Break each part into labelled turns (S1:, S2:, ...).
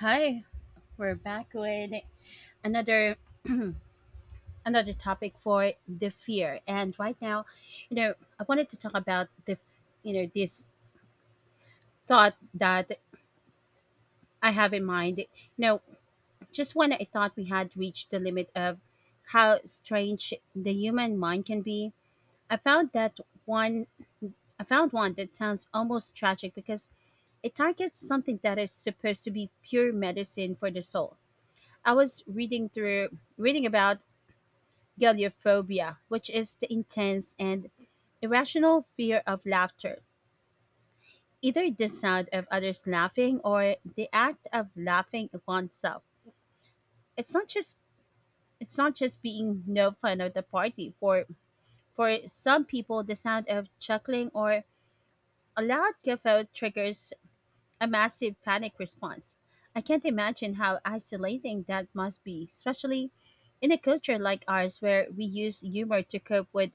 S1: Hi, we're back with another another topic for the fear. And right now, you know, I wanted to talk about the f- you know this thought that I have in mind. Know, just when I thought we had reached the limit of how strange the human mind can be, I found that one. I found one that sounds almost tragic because it targets something that is supposed to be pure medicine for the soul. I was reading about Galiophobia, which is the intense and irrational fear of laughter, either the sound of others laughing or the act of laughing oneself. It's not just it's not just being no fun of the party. For some people, the sound of chuckling or a loud guffaw triggers a massive panic response. I can't imagine how isolating that must be, especially in a culture like ours where we use humor to cope with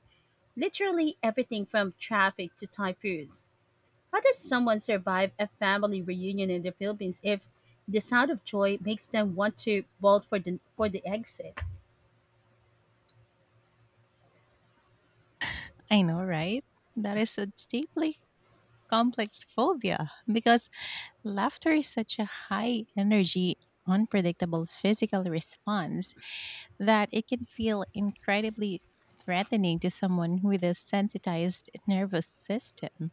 S1: literally everything from traffic to typhoons. How does someone survive a family reunion in the Philippines if the sound of joy makes them want to bolt for the exit?
S2: I know, right? That is a deeply complex phobia because laughter is such a high energy, unpredictable physical response that it can feel incredibly threatening to someone with a sensitized nervous system.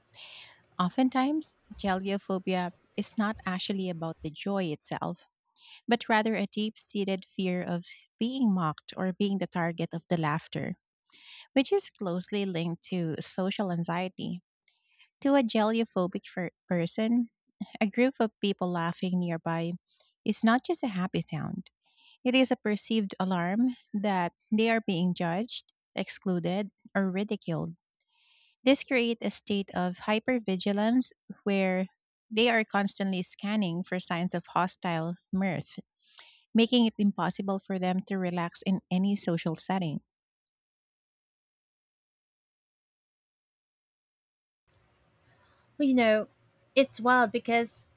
S2: Oftentimes, geliophobia is not actually about the joy itself, but rather a deep seated fear of being mocked or being the target of the laughter, which is closely linked to social anxiety. To a gelophobic person, a group of people laughing nearby is not just a happy sound. It is a perceived alarm that they are being judged, excluded, or ridiculed. This creates a state of hypervigilance where they are constantly scanning for signs of hostile mirth, making it impossible for them to relax in any social setting.
S1: Well, it's wild because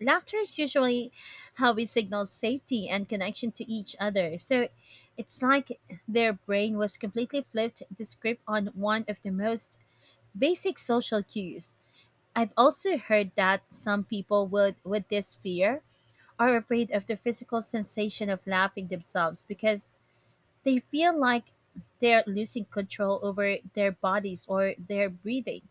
S1: laughter is usually how we signal safety and connection to each other. So it's like their brain was completely flipped the script on one of the most basic social cues. I've also heard that some people would with this fear are afraid of the physical sensation of laughing themselves because they feel like they're losing control over their bodies or their breathing.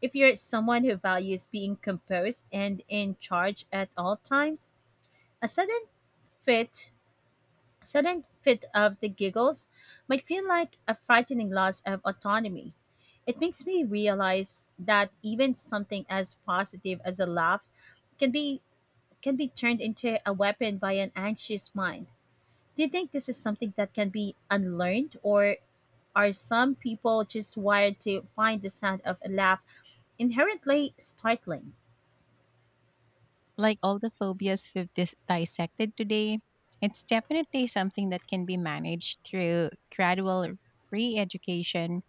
S1: If you're someone who values being composed and in charge at all times, a fit sudden fit of the giggles might feel like a frightening loss of autonomy. It makes me realize that even something as positive as a laugh can be can be turned into a weapon by an anxious mind. Do you think this is something that can be unlearned, or are some people just wired to find the sound of a laugh inherently startling?
S2: Like all the phobias we've dissected today, it's definitely something that can be managed through gradual re education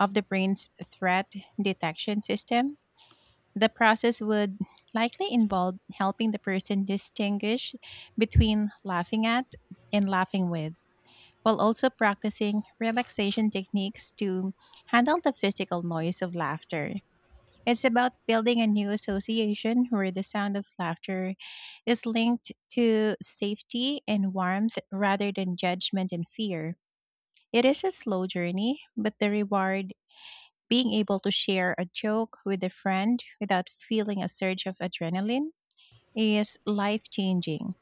S2: of the brain's threat detection system. The process would likely involve helping the person distinguish between laughing at and laughing with, while also practicing relaxation techniques to handle the physical noise of laughter. It's about building a new association where the sound of laughter is linked to safety and warmth rather than judgment and fear. It is a slow journey, but the reward being able to share a joke with a friend without feeling a surge of adrenaline is life changing.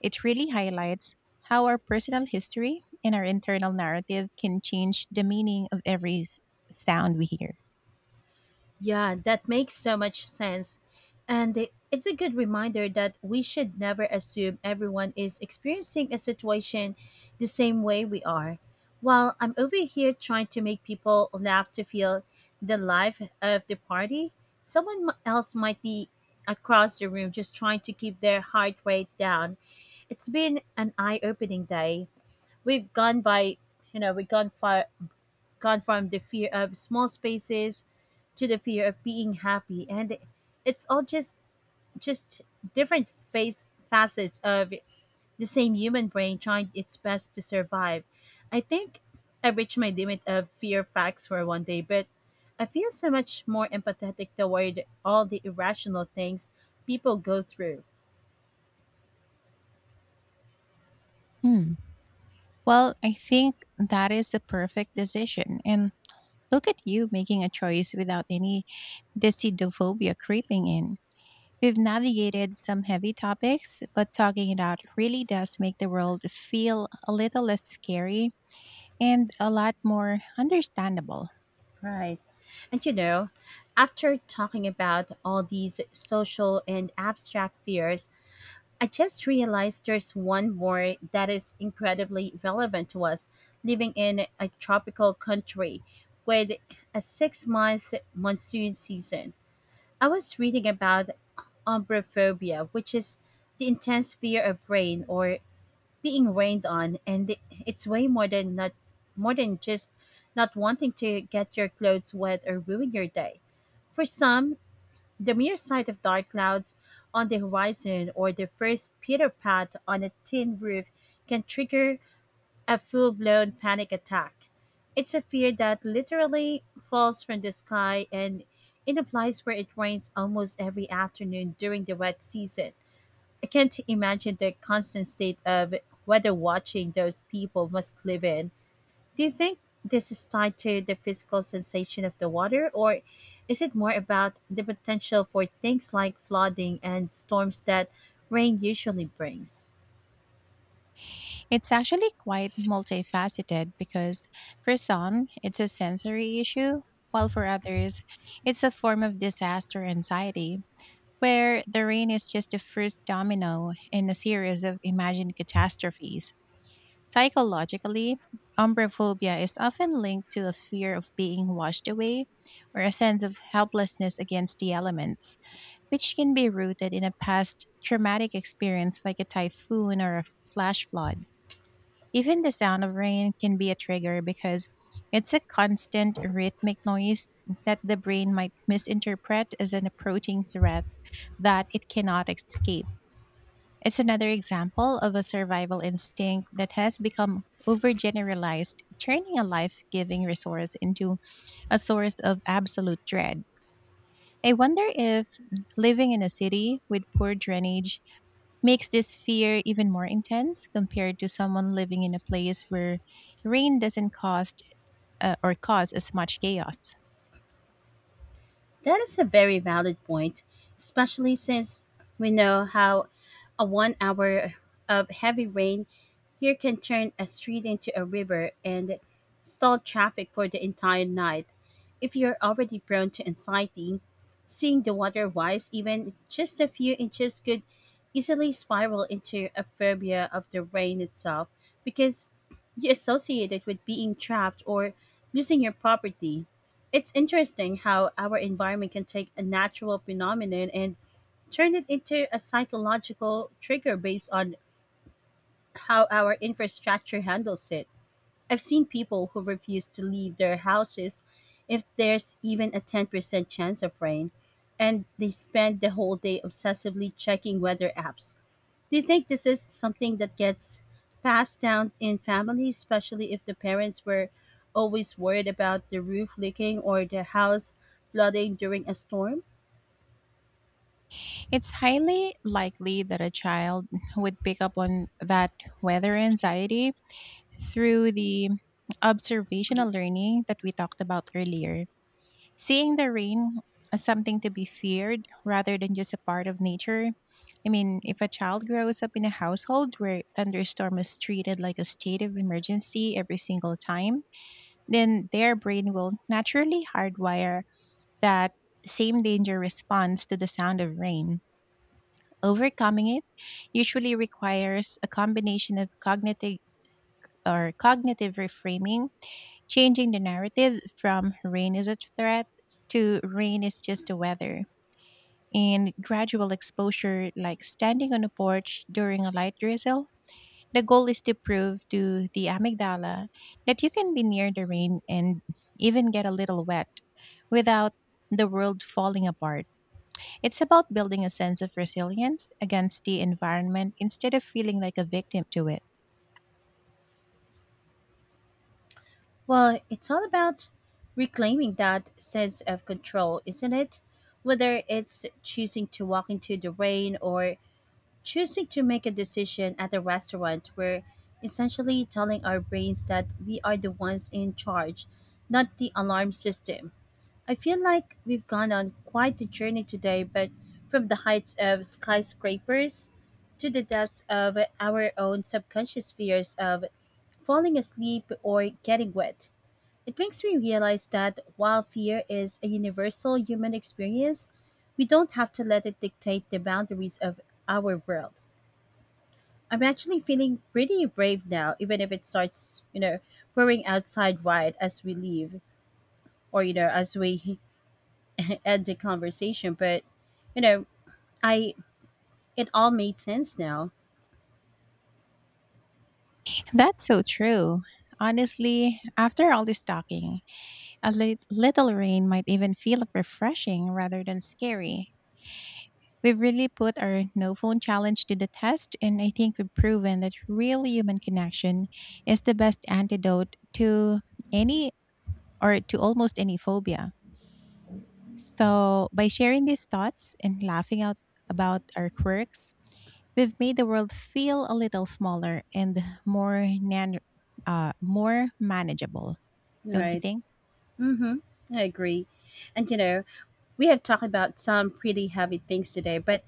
S2: It really highlights how our personal history and our internal narrative can change the meaning of every sound we hear.
S1: Yeah, that makes so much sense. And it's a good reminder that we should never assume everyone is experiencing a situation the same way we are. While I'm over here trying to make people laugh to feel the life of the party, someone else might be across the room just trying to keep their heart rate down. It's been an eye opening day. We've gone by, you know, we've gone far gone from the fear of small spaces to the fear of being happy, and it's all just different facets of the same human brain trying its best to survive. I think I reached my limit of fear facts for one day, but I feel so much more empathetic toward all the irrational things people go through.
S2: Well, I think that is the perfect decision. And look at you making a choice without any decidophobia creeping in. We've navigated some heavy topics, but talking it out really does make the world feel a little less scary and a lot more understandable.
S1: Right. And after talking about all these social and abstract fears, I just realized there's one more that is incredibly relevant to us living in a tropical country with a 6 month monsoon season. I was reading about umbrophobia, which is the intense fear of rain or being rained on, and it's way more than not more than just not wanting to get your clothes wet or ruin your day. For some, the mere sight of dark clouds on the horizon or the first pitter pat on a tin roof can trigger a full blown panic attack. It's a fear that literally falls from the sky, and in a place where it rains almost every afternoon during the wet season, I can't imagine the constant state of weather watching those people must live in. Do you think this is tied to the physical sensation of the water, or is it more about the potential for things like flooding and storms that rain usually brings?
S2: It's actually quite multifaceted because for some, it's a sensory issue, while for others, it's a form of disaster anxiety, where the rain is just the first domino in a series of imagined catastrophes. Psychologically, umbraphobia is often linked to a fear of being washed away or a sense of helplessness against the elements, which can be rooted in a past traumatic experience like a typhoon or a flash flood. Even the sound of rain can be a trigger because it's a constant rhythmic noise that the brain might misinterpret as an approaching threat that it cannot escape. It's another example of a survival instinct that has become overgeneralized, turning a life giving resource into a source of absolute dread. I wonder if living in a city with poor drainage makes this fear even more intense compared to someone living in a place where rain doesn't cost or cause as much chaos.
S1: That is a very valid point, especially since we know how a one hour of heavy rain here can turn a street into a river and stall traffic for the entire night. If you're already prone to anxiety, seeing the water rise even just a few inches could easily spiral into a phobia of the rain itself because you associate it with being trapped or losing your property. It's interesting how our environment can take a natural phenomenon and turn it into a psychological trigger based on how our infrastructure handles it. I've seen people who refuse to leave their houses if there's even a 10% chance of rain, and they spend the whole day obsessively checking weather apps. Do you think this is something that gets passed down in families, especially if the parents were always worried about the roof leaking or the house flooding during a storm?
S2: It's highly likely that a child would pick up on that weather anxiety through the observational learning that we talked about earlier, seeing the rain as something to be feared rather than just a part of nature. I mean, if a child grows up in a household where thunderstorm is treated like a state of emergency every single time, then their brain will naturally hardwire that same danger response to the sound of rain. Overcoming it usually requires a combination of cognitive reframing, changing the narrative from rain is a threat to rain is just the weather, and gradual exposure, like standing on a porch during a light drizzle. The goal is to prove to the amygdala that you can be near the rain and even get a little wet without the world falling apart. It's about building a sense of resilience against the environment instead of feeling like a victim to it.
S1: Well, it's all about reclaiming that sense of control, isn't it? Whether it's choosing to walk into the rain or choosing to make a decision at a restaurant, we're essentially telling our brains that we are the ones in charge, not the alarm system. I feel like we've gone on quite the journey today, but from the heights of skyscrapers to the depths of our own subconscious fears of falling asleep or getting wet. It makes me realize that while fear is a universal human experience, we don't have to let it dictate the boundaries of our world. I'm actually feeling pretty brave now, even if it starts, pouring outside wide as we leave or, as we end the conversation. But, you know, I it all made sense now,
S2: That's so true. Honestly, after all this talking, a little rain might even feel refreshing rather than scary. We've really put our no phone challenge to the test, and I think we've proven that real human connection is the best antidote to any or to almost any phobia. So, by sharing these thoughts and laughing out about our quirks, we've made the world feel a little smaller and more more manageable, don't you
S1: right?
S2: think?
S1: Mhm. I agree. And we have talked about some pretty heavy things today, but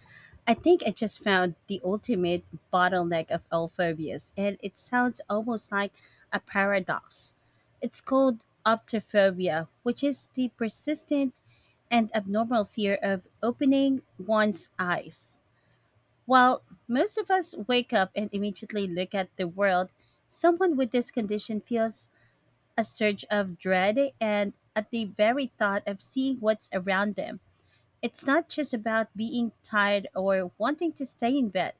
S1: I think I just found the ultimate bottleneck of all phobias, and it sounds almost like a paradox. It's called optophobia, which is the persistent and abnormal fear of opening one's eyes. While most of us wake up and immediately look at the world, someone with this condition feels a surge of dread and at the very thought of seeing what's around them. It's not just about being tired or wanting to stay in bed.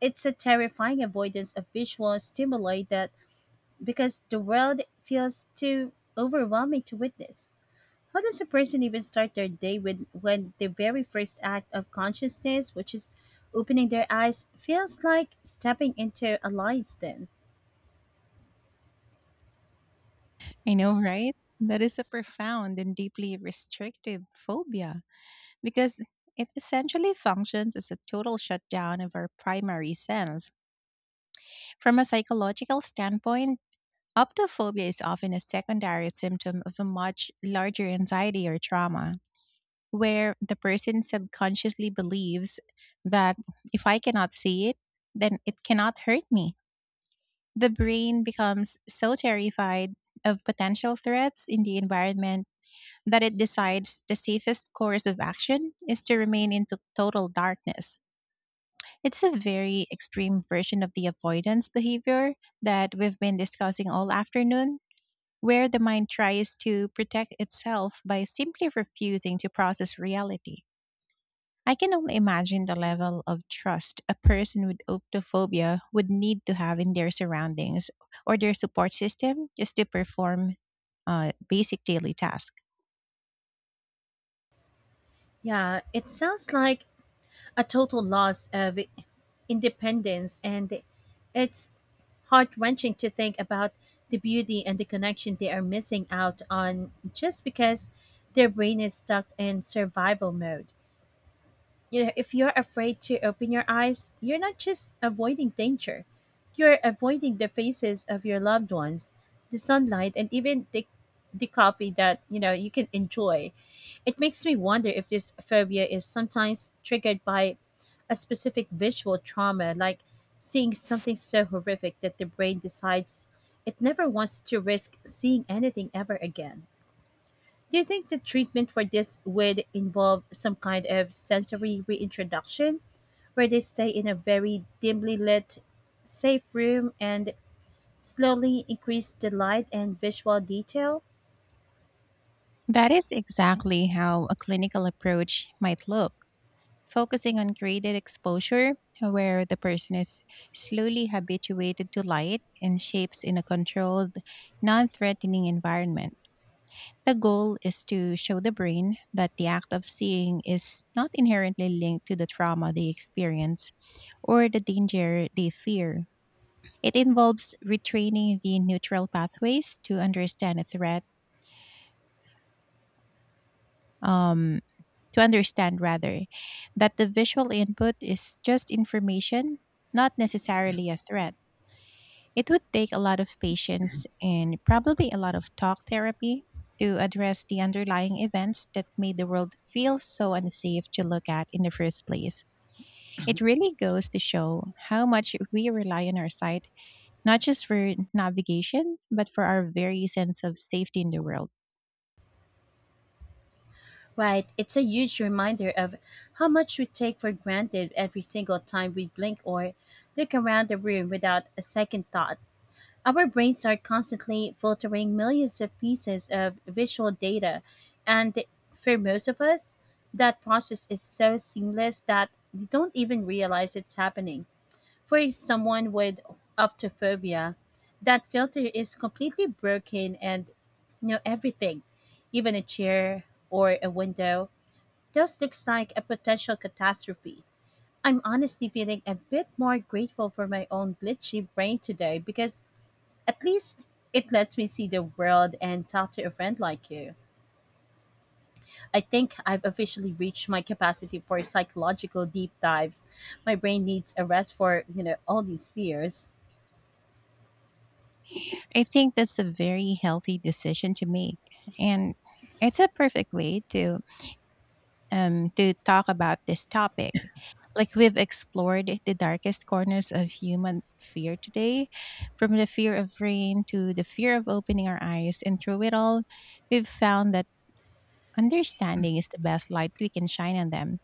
S1: It's a terrifying avoidance of visual stimuli that because the world feels too overwhelming to witness. How does a person even start their day with when the very first act of consciousness, which is opening their eyes, feels like stepping into a lion's den?
S2: I know, right? That is a profound and deeply restrictive phobia because it essentially functions as a total shutdown of our primary sense. From a psychological standpoint, optophobia is often a secondary symptom of a much larger anxiety or trauma, where the person subconsciously believes that if I cannot see it, then it cannot hurt me. The brain becomes so terrified of potential threats in the environment that it decides the safest course of action is to remain in total darkness. It's a very extreme version of the avoidance behavior that we've been discussing all afternoon, where the mind tries to protect itself by simply refusing to process reality. I can only imagine the level of trust a person with optophobia would need to have in their surroundings or their support system just to perform basic daily tasks.
S1: Yeah, it sounds like a total loss of independence, and it's heart wrenching to think about the beauty and the connection they are missing out on just because their brain is stuck in survival mode. If you're afraid to open your eyes, you're not just avoiding danger. You're avoiding the faces of your loved ones, the sunlight, and even the coffee that, you can enjoy. It makes me wonder if this phobia is sometimes triggered by a specific visual trauma, like seeing something so horrific that the brain decides it never wants to risk seeing anything ever again. Do you think the treatment for this would involve some kind of sensory reintroduction where they stay in a very dimly lit, safe room and slowly increase the light and visual detail?
S2: That is exactly how a clinical approach might look, focusing on graded exposure, where the person is slowly habituated to light and shapes in a controlled, non threatening environment. The goal is to show the brain that the act of seeing is not inherently linked to the trauma they experience or the danger they fear. It involves retraining the neutral pathways um, to understand rather that the visual input is just information, not necessarily a threat. It would take a lot of patience and probably a lot of talk therapy to address the underlying events that made the world feel so unsafe to look at in the first place. It really goes to show how much we rely on our sight, not just for navigation, but for our very sense of safety in the world.
S1: Right, it's a huge reminder of how much we take for granted every single time we blink or look around the room without a second thought. Our brains are constantly filtering millions of pieces of visual data, and for most of us, that process is so seamless that we don't even realize it's happening. For someone with optophobia, that filter is completely broken, and everything, even a chair or a window, just looks like a potential catastrophe. I'm honestly feeling a bit more grateful for my own glitchy brain today because at least it lets me see the world and talk to a friend like you. I think I've officially reached my capacity for psychological deep dives. My brain needs a rest for, all these fears.
S2: I think that's a very healthy decision to make. And it's a perfect way to talk about this topic. Like we've explored the darkest corners of human fear today, from the fear of rain to the fear of opening our eyes. And through it all, we've found that understanding is the best light we can shine on them.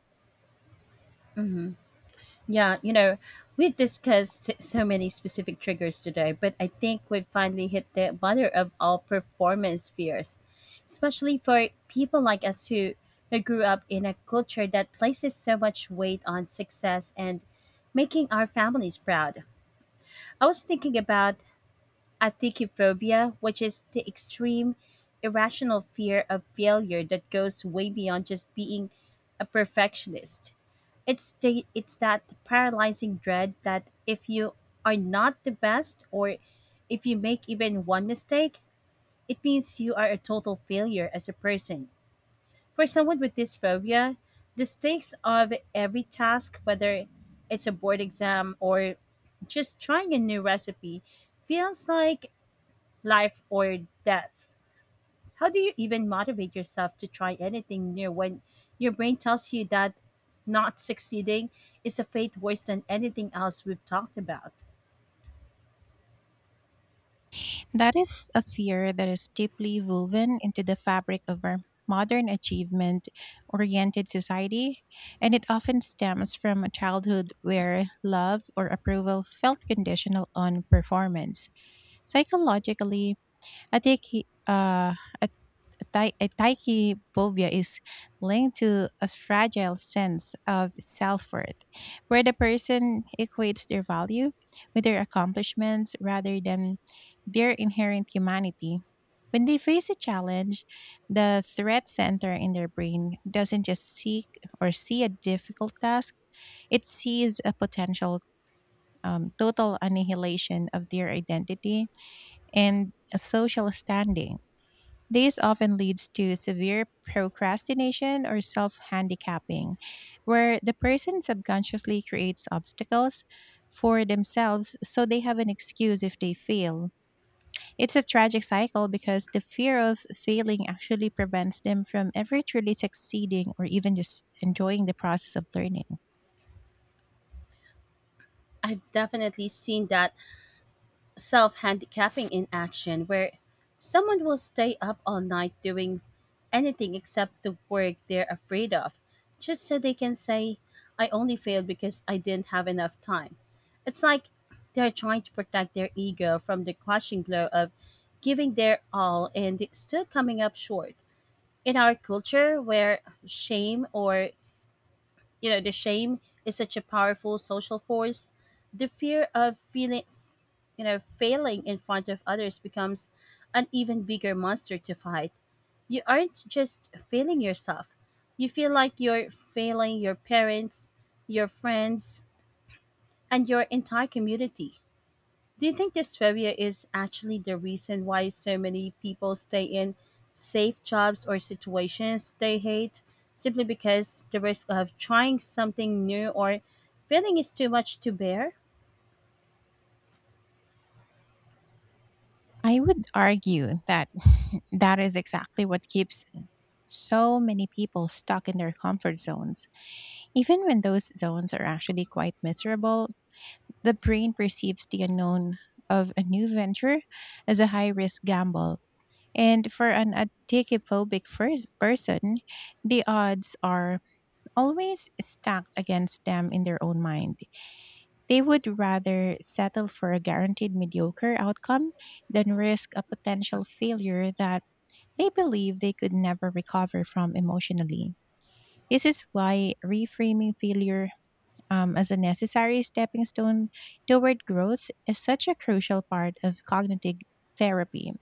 S1: Yeah, we've discussed so many specific triggers today, but I think we've finally hit the mother of all performance fears, especially for people like us who grew up in a culture that places so much weight on success and making our families proud. I was thinking about acticophobia, which is the extreme, irrational fear of failure that goes way beyond just being a perfectionist. It's that paralyzing dread that if you are not the best or if you make even one mistake, it means you are a total failure as a person. For someone with this phobia, the stakes of every task, whether it's a board exam or just trying a new recipe, feels like life or death. How do you even motivate yourself to try anything new when your brain tells you that not succeeding is a fate worse than anything else we've talked about?
S2: That is a fear that is deeply woven into the fabric of our modern achievement oriented society, and it often stems from a childhood where love or approval felt conditional on performance. Psychologically, a, dec- uh, tachyphobia is linked to a fragile sense of self worth, where the person equates their value with their accomplishments rather than their inherent humanity. When they face a challenge, the threat center in their brain doesn't just see a difficult task, it sees a potential total annihilation of their identity and a social standing. This often leads to severe procrastination or self handicapping, where the person subconsciously creates obstacles for themselves so they have an excuse if they fail. It's a tragic cycle because the fear of failing actually prevents them from ever truly succeeding or even just enjoying the process of learning.
S1: I've definitely seen that self handicapping in action where someone will stay up all night doing anything except the work they're afraid of, just so they can say, I only failed because I didn't have enough time. It's like they're trying to protect their ego from the crushing blow of giving their all and still coming up short. In our culture where shame or, you know, the shame is such a powerful social force, the fear of failing in front of others becomes an even bigger monster to fight. You aren't just failing yourself. You feel like you're failing your parents, your friends, and your entire community. Do you think this phobia is actually the reason why so many people stay in safe jobs or situations they hate simply because the risk of trying something new or failing is too much to bear?
S2: I would argue that that is exactly what keeps so many people stuck in their comfort zones. Even when those zones are actually quite miserable, the brain perceives the unknown of a new venture as a high risk gamble. And for an adicophobic first person, the odds are always stacked against them in their own mind. They would rather settle for a guaranteed mediocre outcome than risk a potential failure that they believe they could never recover from emotionally. This is why reframing failure, as a necessary stepping stone toward growth, is such a crucial part of cognitive therapy.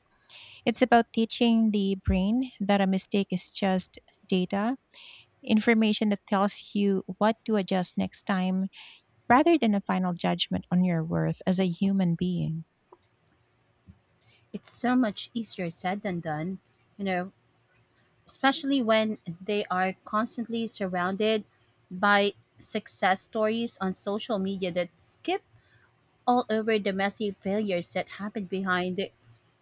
S2: It's about teaching the brain that a mistake is just data, information that tells you what to adjust next time, rather than a final judgment on your worth as a human being.
S1: It's so much easier said than done. You know, especially when they are constantly surrounded by success stories on social media that skip all over the messy failures that happen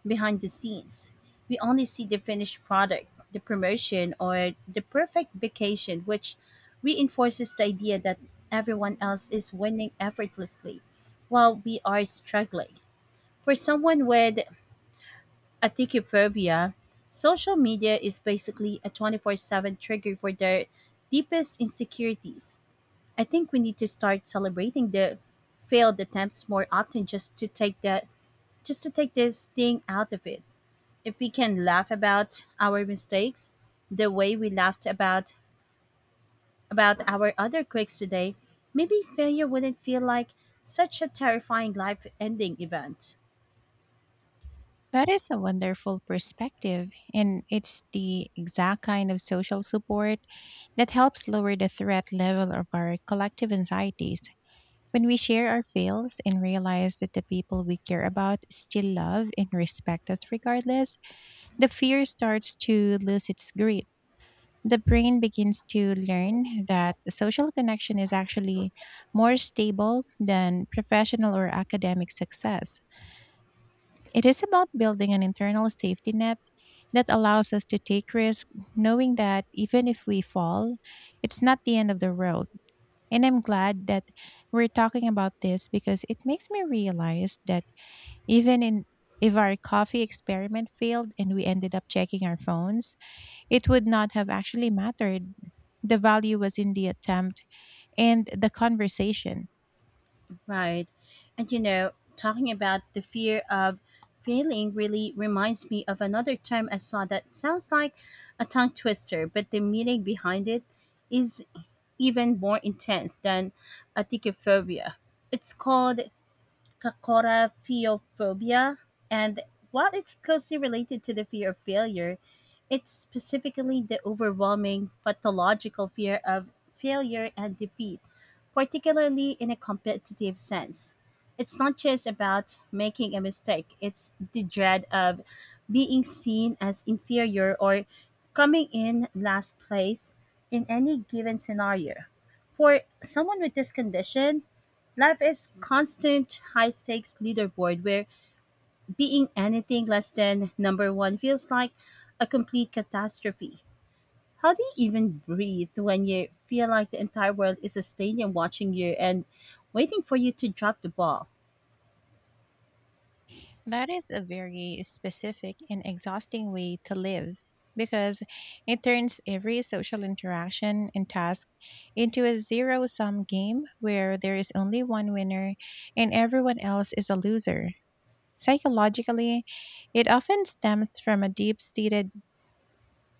S1: behind the scenes. We only see the finished product, the promotion, or the perfect vacation, which reinforces the idea that everyone else is winning effortlessly while we are struggling. For someone with Aticophobia, social media is basically a 24/7 trigger for their deepest insecurities. I think we need to start celebrating the failed attempts more often just to take this thing out of it. If we can laugh about our mistakes the way we laughed about our other quirks today, maybe failure wouldn't feel like such a terrifying life ending event.
S2: That is a wonderful perspective, and it's the exact kind of social support that helps lower the threat level of our collective anxieties. When we share our fails and realize that the people we care about still love and respect us regardless, the fear starts to lose its grip. The brain begins to learn that social connection is actually more stable than professional or academic success. It is about building an internal safety net that allows us to take risk, knowing that even if we fall, it's not the end of the road. And I'm glad that we're talking about this, because it makes me realize that even in if our coffee experiment failed and we ended up checking our phones, it would not have actually mattered. The value was in the attempt and the conversation.
S1: Right. And you know, talking about the fear of failing really reminds me of another term I saw that sounds like a tongue twister, but the meaning behind it is even more intense than aticophobia. It's called Cacoraphiophobia, and while it's closely related to the fear of failure, it's specifically the overwhelming pathological fear of failure and defeat, particularly in a competitive sense. It's not just about making a mistake, it's the dread of being seen as inferior or coming in last place in any given scenario. For someone with this condition, life is constant high stakes leaderboard where being anything less than number one feels like a complete catastrophe. How do you even breathe when you feel like the entire world is a stadium watching you and waiting for you to drop the ball?
S2: That is a very specific and exhausting way to live, because it turns every social interaction and task into a zero sum game where there is only one winner and everyone else is a loser. Psychologically, it often stems from a deep seated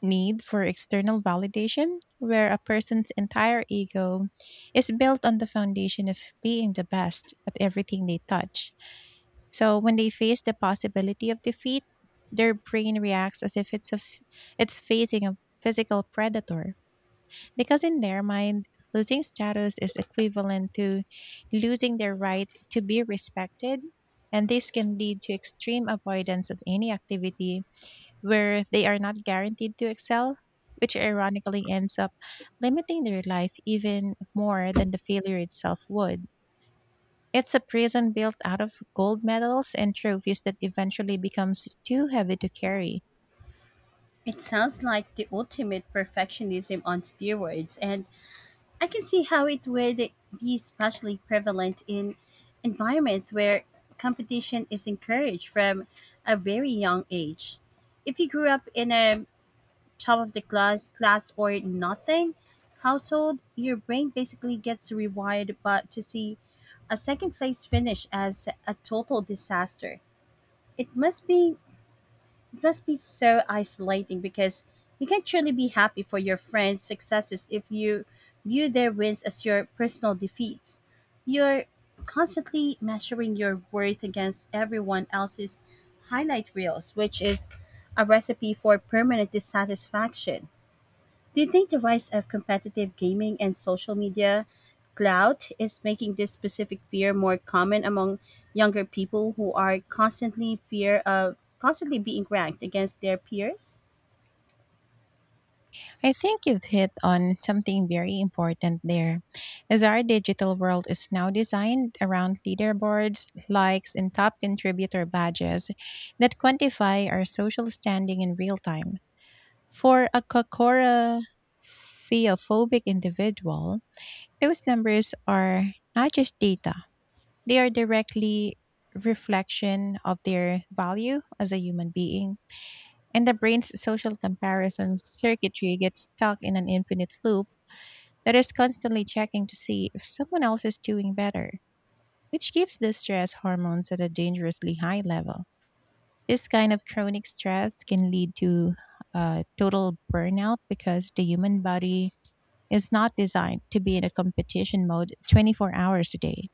S2: need for external validation, where a person's entire ego is built on the foundation of being the best at everything they touch. So when they face the possibility of defeat, their brain reacts as if it's facing a physical predator. Because in their mind, losing status is equivalent to losing their right to be respected, and this can lead to extreme avoidance of any activity where they are not guaranteed to excel, which ironically ends up limiting their life even more than the failure itself would. It's a prison built out of gold medals and trophies that eventually becomes too heavy to carry.
S1: It sounds like the ultimate perfectionism on steroids, and I can see how it would be especially prevalent in environments where competition is encouraged from a very young age. If you grew up in a top of the class or nothing household, your brain basically gets rewired but to see a second place finish as a total disaster. It must be it must be so isolating because you can't truly be happy for your friends' successes if you view their wins as your personal defeats. You're constantly measuring your worth against everyone else's highlight reels, which is a recipe for permanent dissatisfaction. Do you think the rise of competitive gaming and social media clout is making this specific fear more common among younger people who are constantly fear of constantly being ranked against their peers?
S2: I think you've hit on something very important there, as our digital world is now designed around leaderboards, likes, and top contributor badges that quantify our social standing in real time. For a Kokora theophobic individual, those numbers are not just data, they are directly reflection of their value as a human being. And the brain's social comparison circuitry gets stuck in an infinite loop that is constantly checking to see if someone else is doing better, which keeps the stress hormones at a dangerously high level. This kind of chronic stress can lead to total burnout, because the human body is not designed to be in a competition mode 24 hours a day.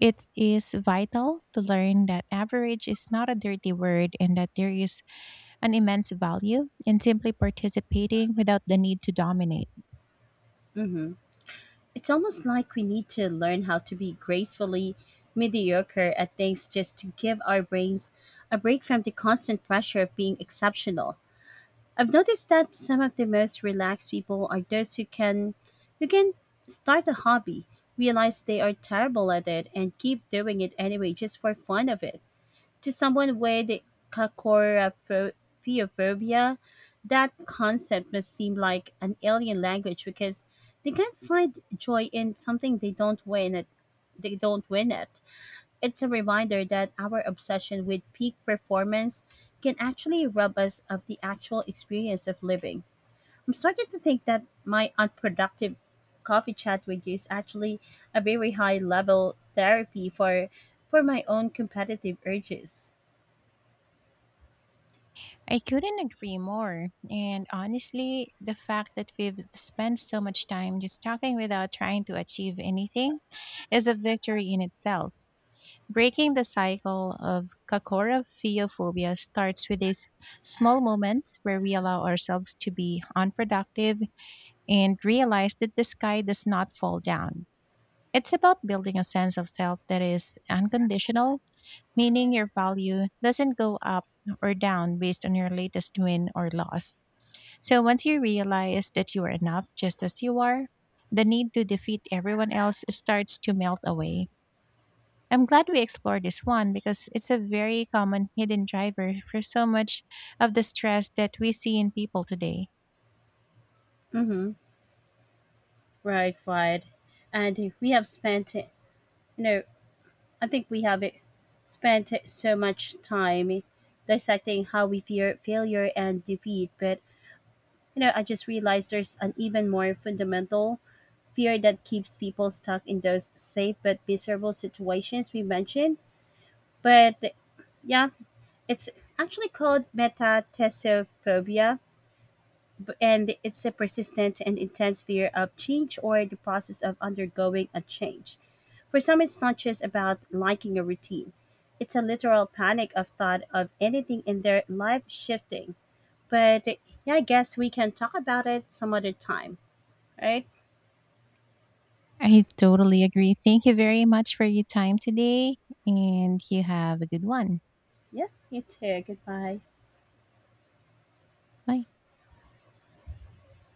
S2: It is vital to learn that average is not a dirty word, and that there is an immense value in simply participating without the need to dominate.
S1: Hmm. It's almost like we need to learn how to be gracefully mediocre at things just to give our brains a break from the constant pressure of being exceptional. I've noticed that some of the most relaxed people are those who can start a hobby, realize they are terrible at it and keep doing it anyway just for fun of it. To someone with kakorophobia, that concept must seem like an alien language because they can't find joy in something they don't win at they don't win at. It's a reminder that our obsession with peak performance can actually rob us of the actual experience of living. I'm starting to think that my unproductive coffee chat with you is actually a very high level therapy for my own competitive urges.
S2: I couldn't agree more. And honestly, the fact that we've spent so much time just talking without trying to achieve anything is a victory in itself. Breaking the cycle of cacorophiophobia starts with these small moments where we allow ourselves to be unproductive and realize that the sky does not fall down. It's about building a sense of self that is unconditional, meaning your value doesn't go up or down based on your latest win or loss. So once you realize that you are enough just as you are, the need to defeat everyone else starts to melt away. I'm glad we explored this one because it's a very common hidden driver for so much of the stress that we see in people today.
S1: Mm-hmm. Right, right. And we have spent, you know, I think we have spent so much time dissecting how we fear failure and defeat, but you know, I just realized there's an even more fundamental fear that keeps people stuck in those safe but miserable situations we mentioned. But yeah, it's actually called metathesophobia, and it's a persistent and intense fear of change or the process of undergoing a change. For some, it's not just about liking a routine. It's a literal panic of thought of anything in their life shifting. But yeah, I guess we can talk about it some other time. All right?
S2: I totally agree. Thank you very much for your time today, and you have a good one.
S1: Yeah, you too. Goodbye.
S2: Bye.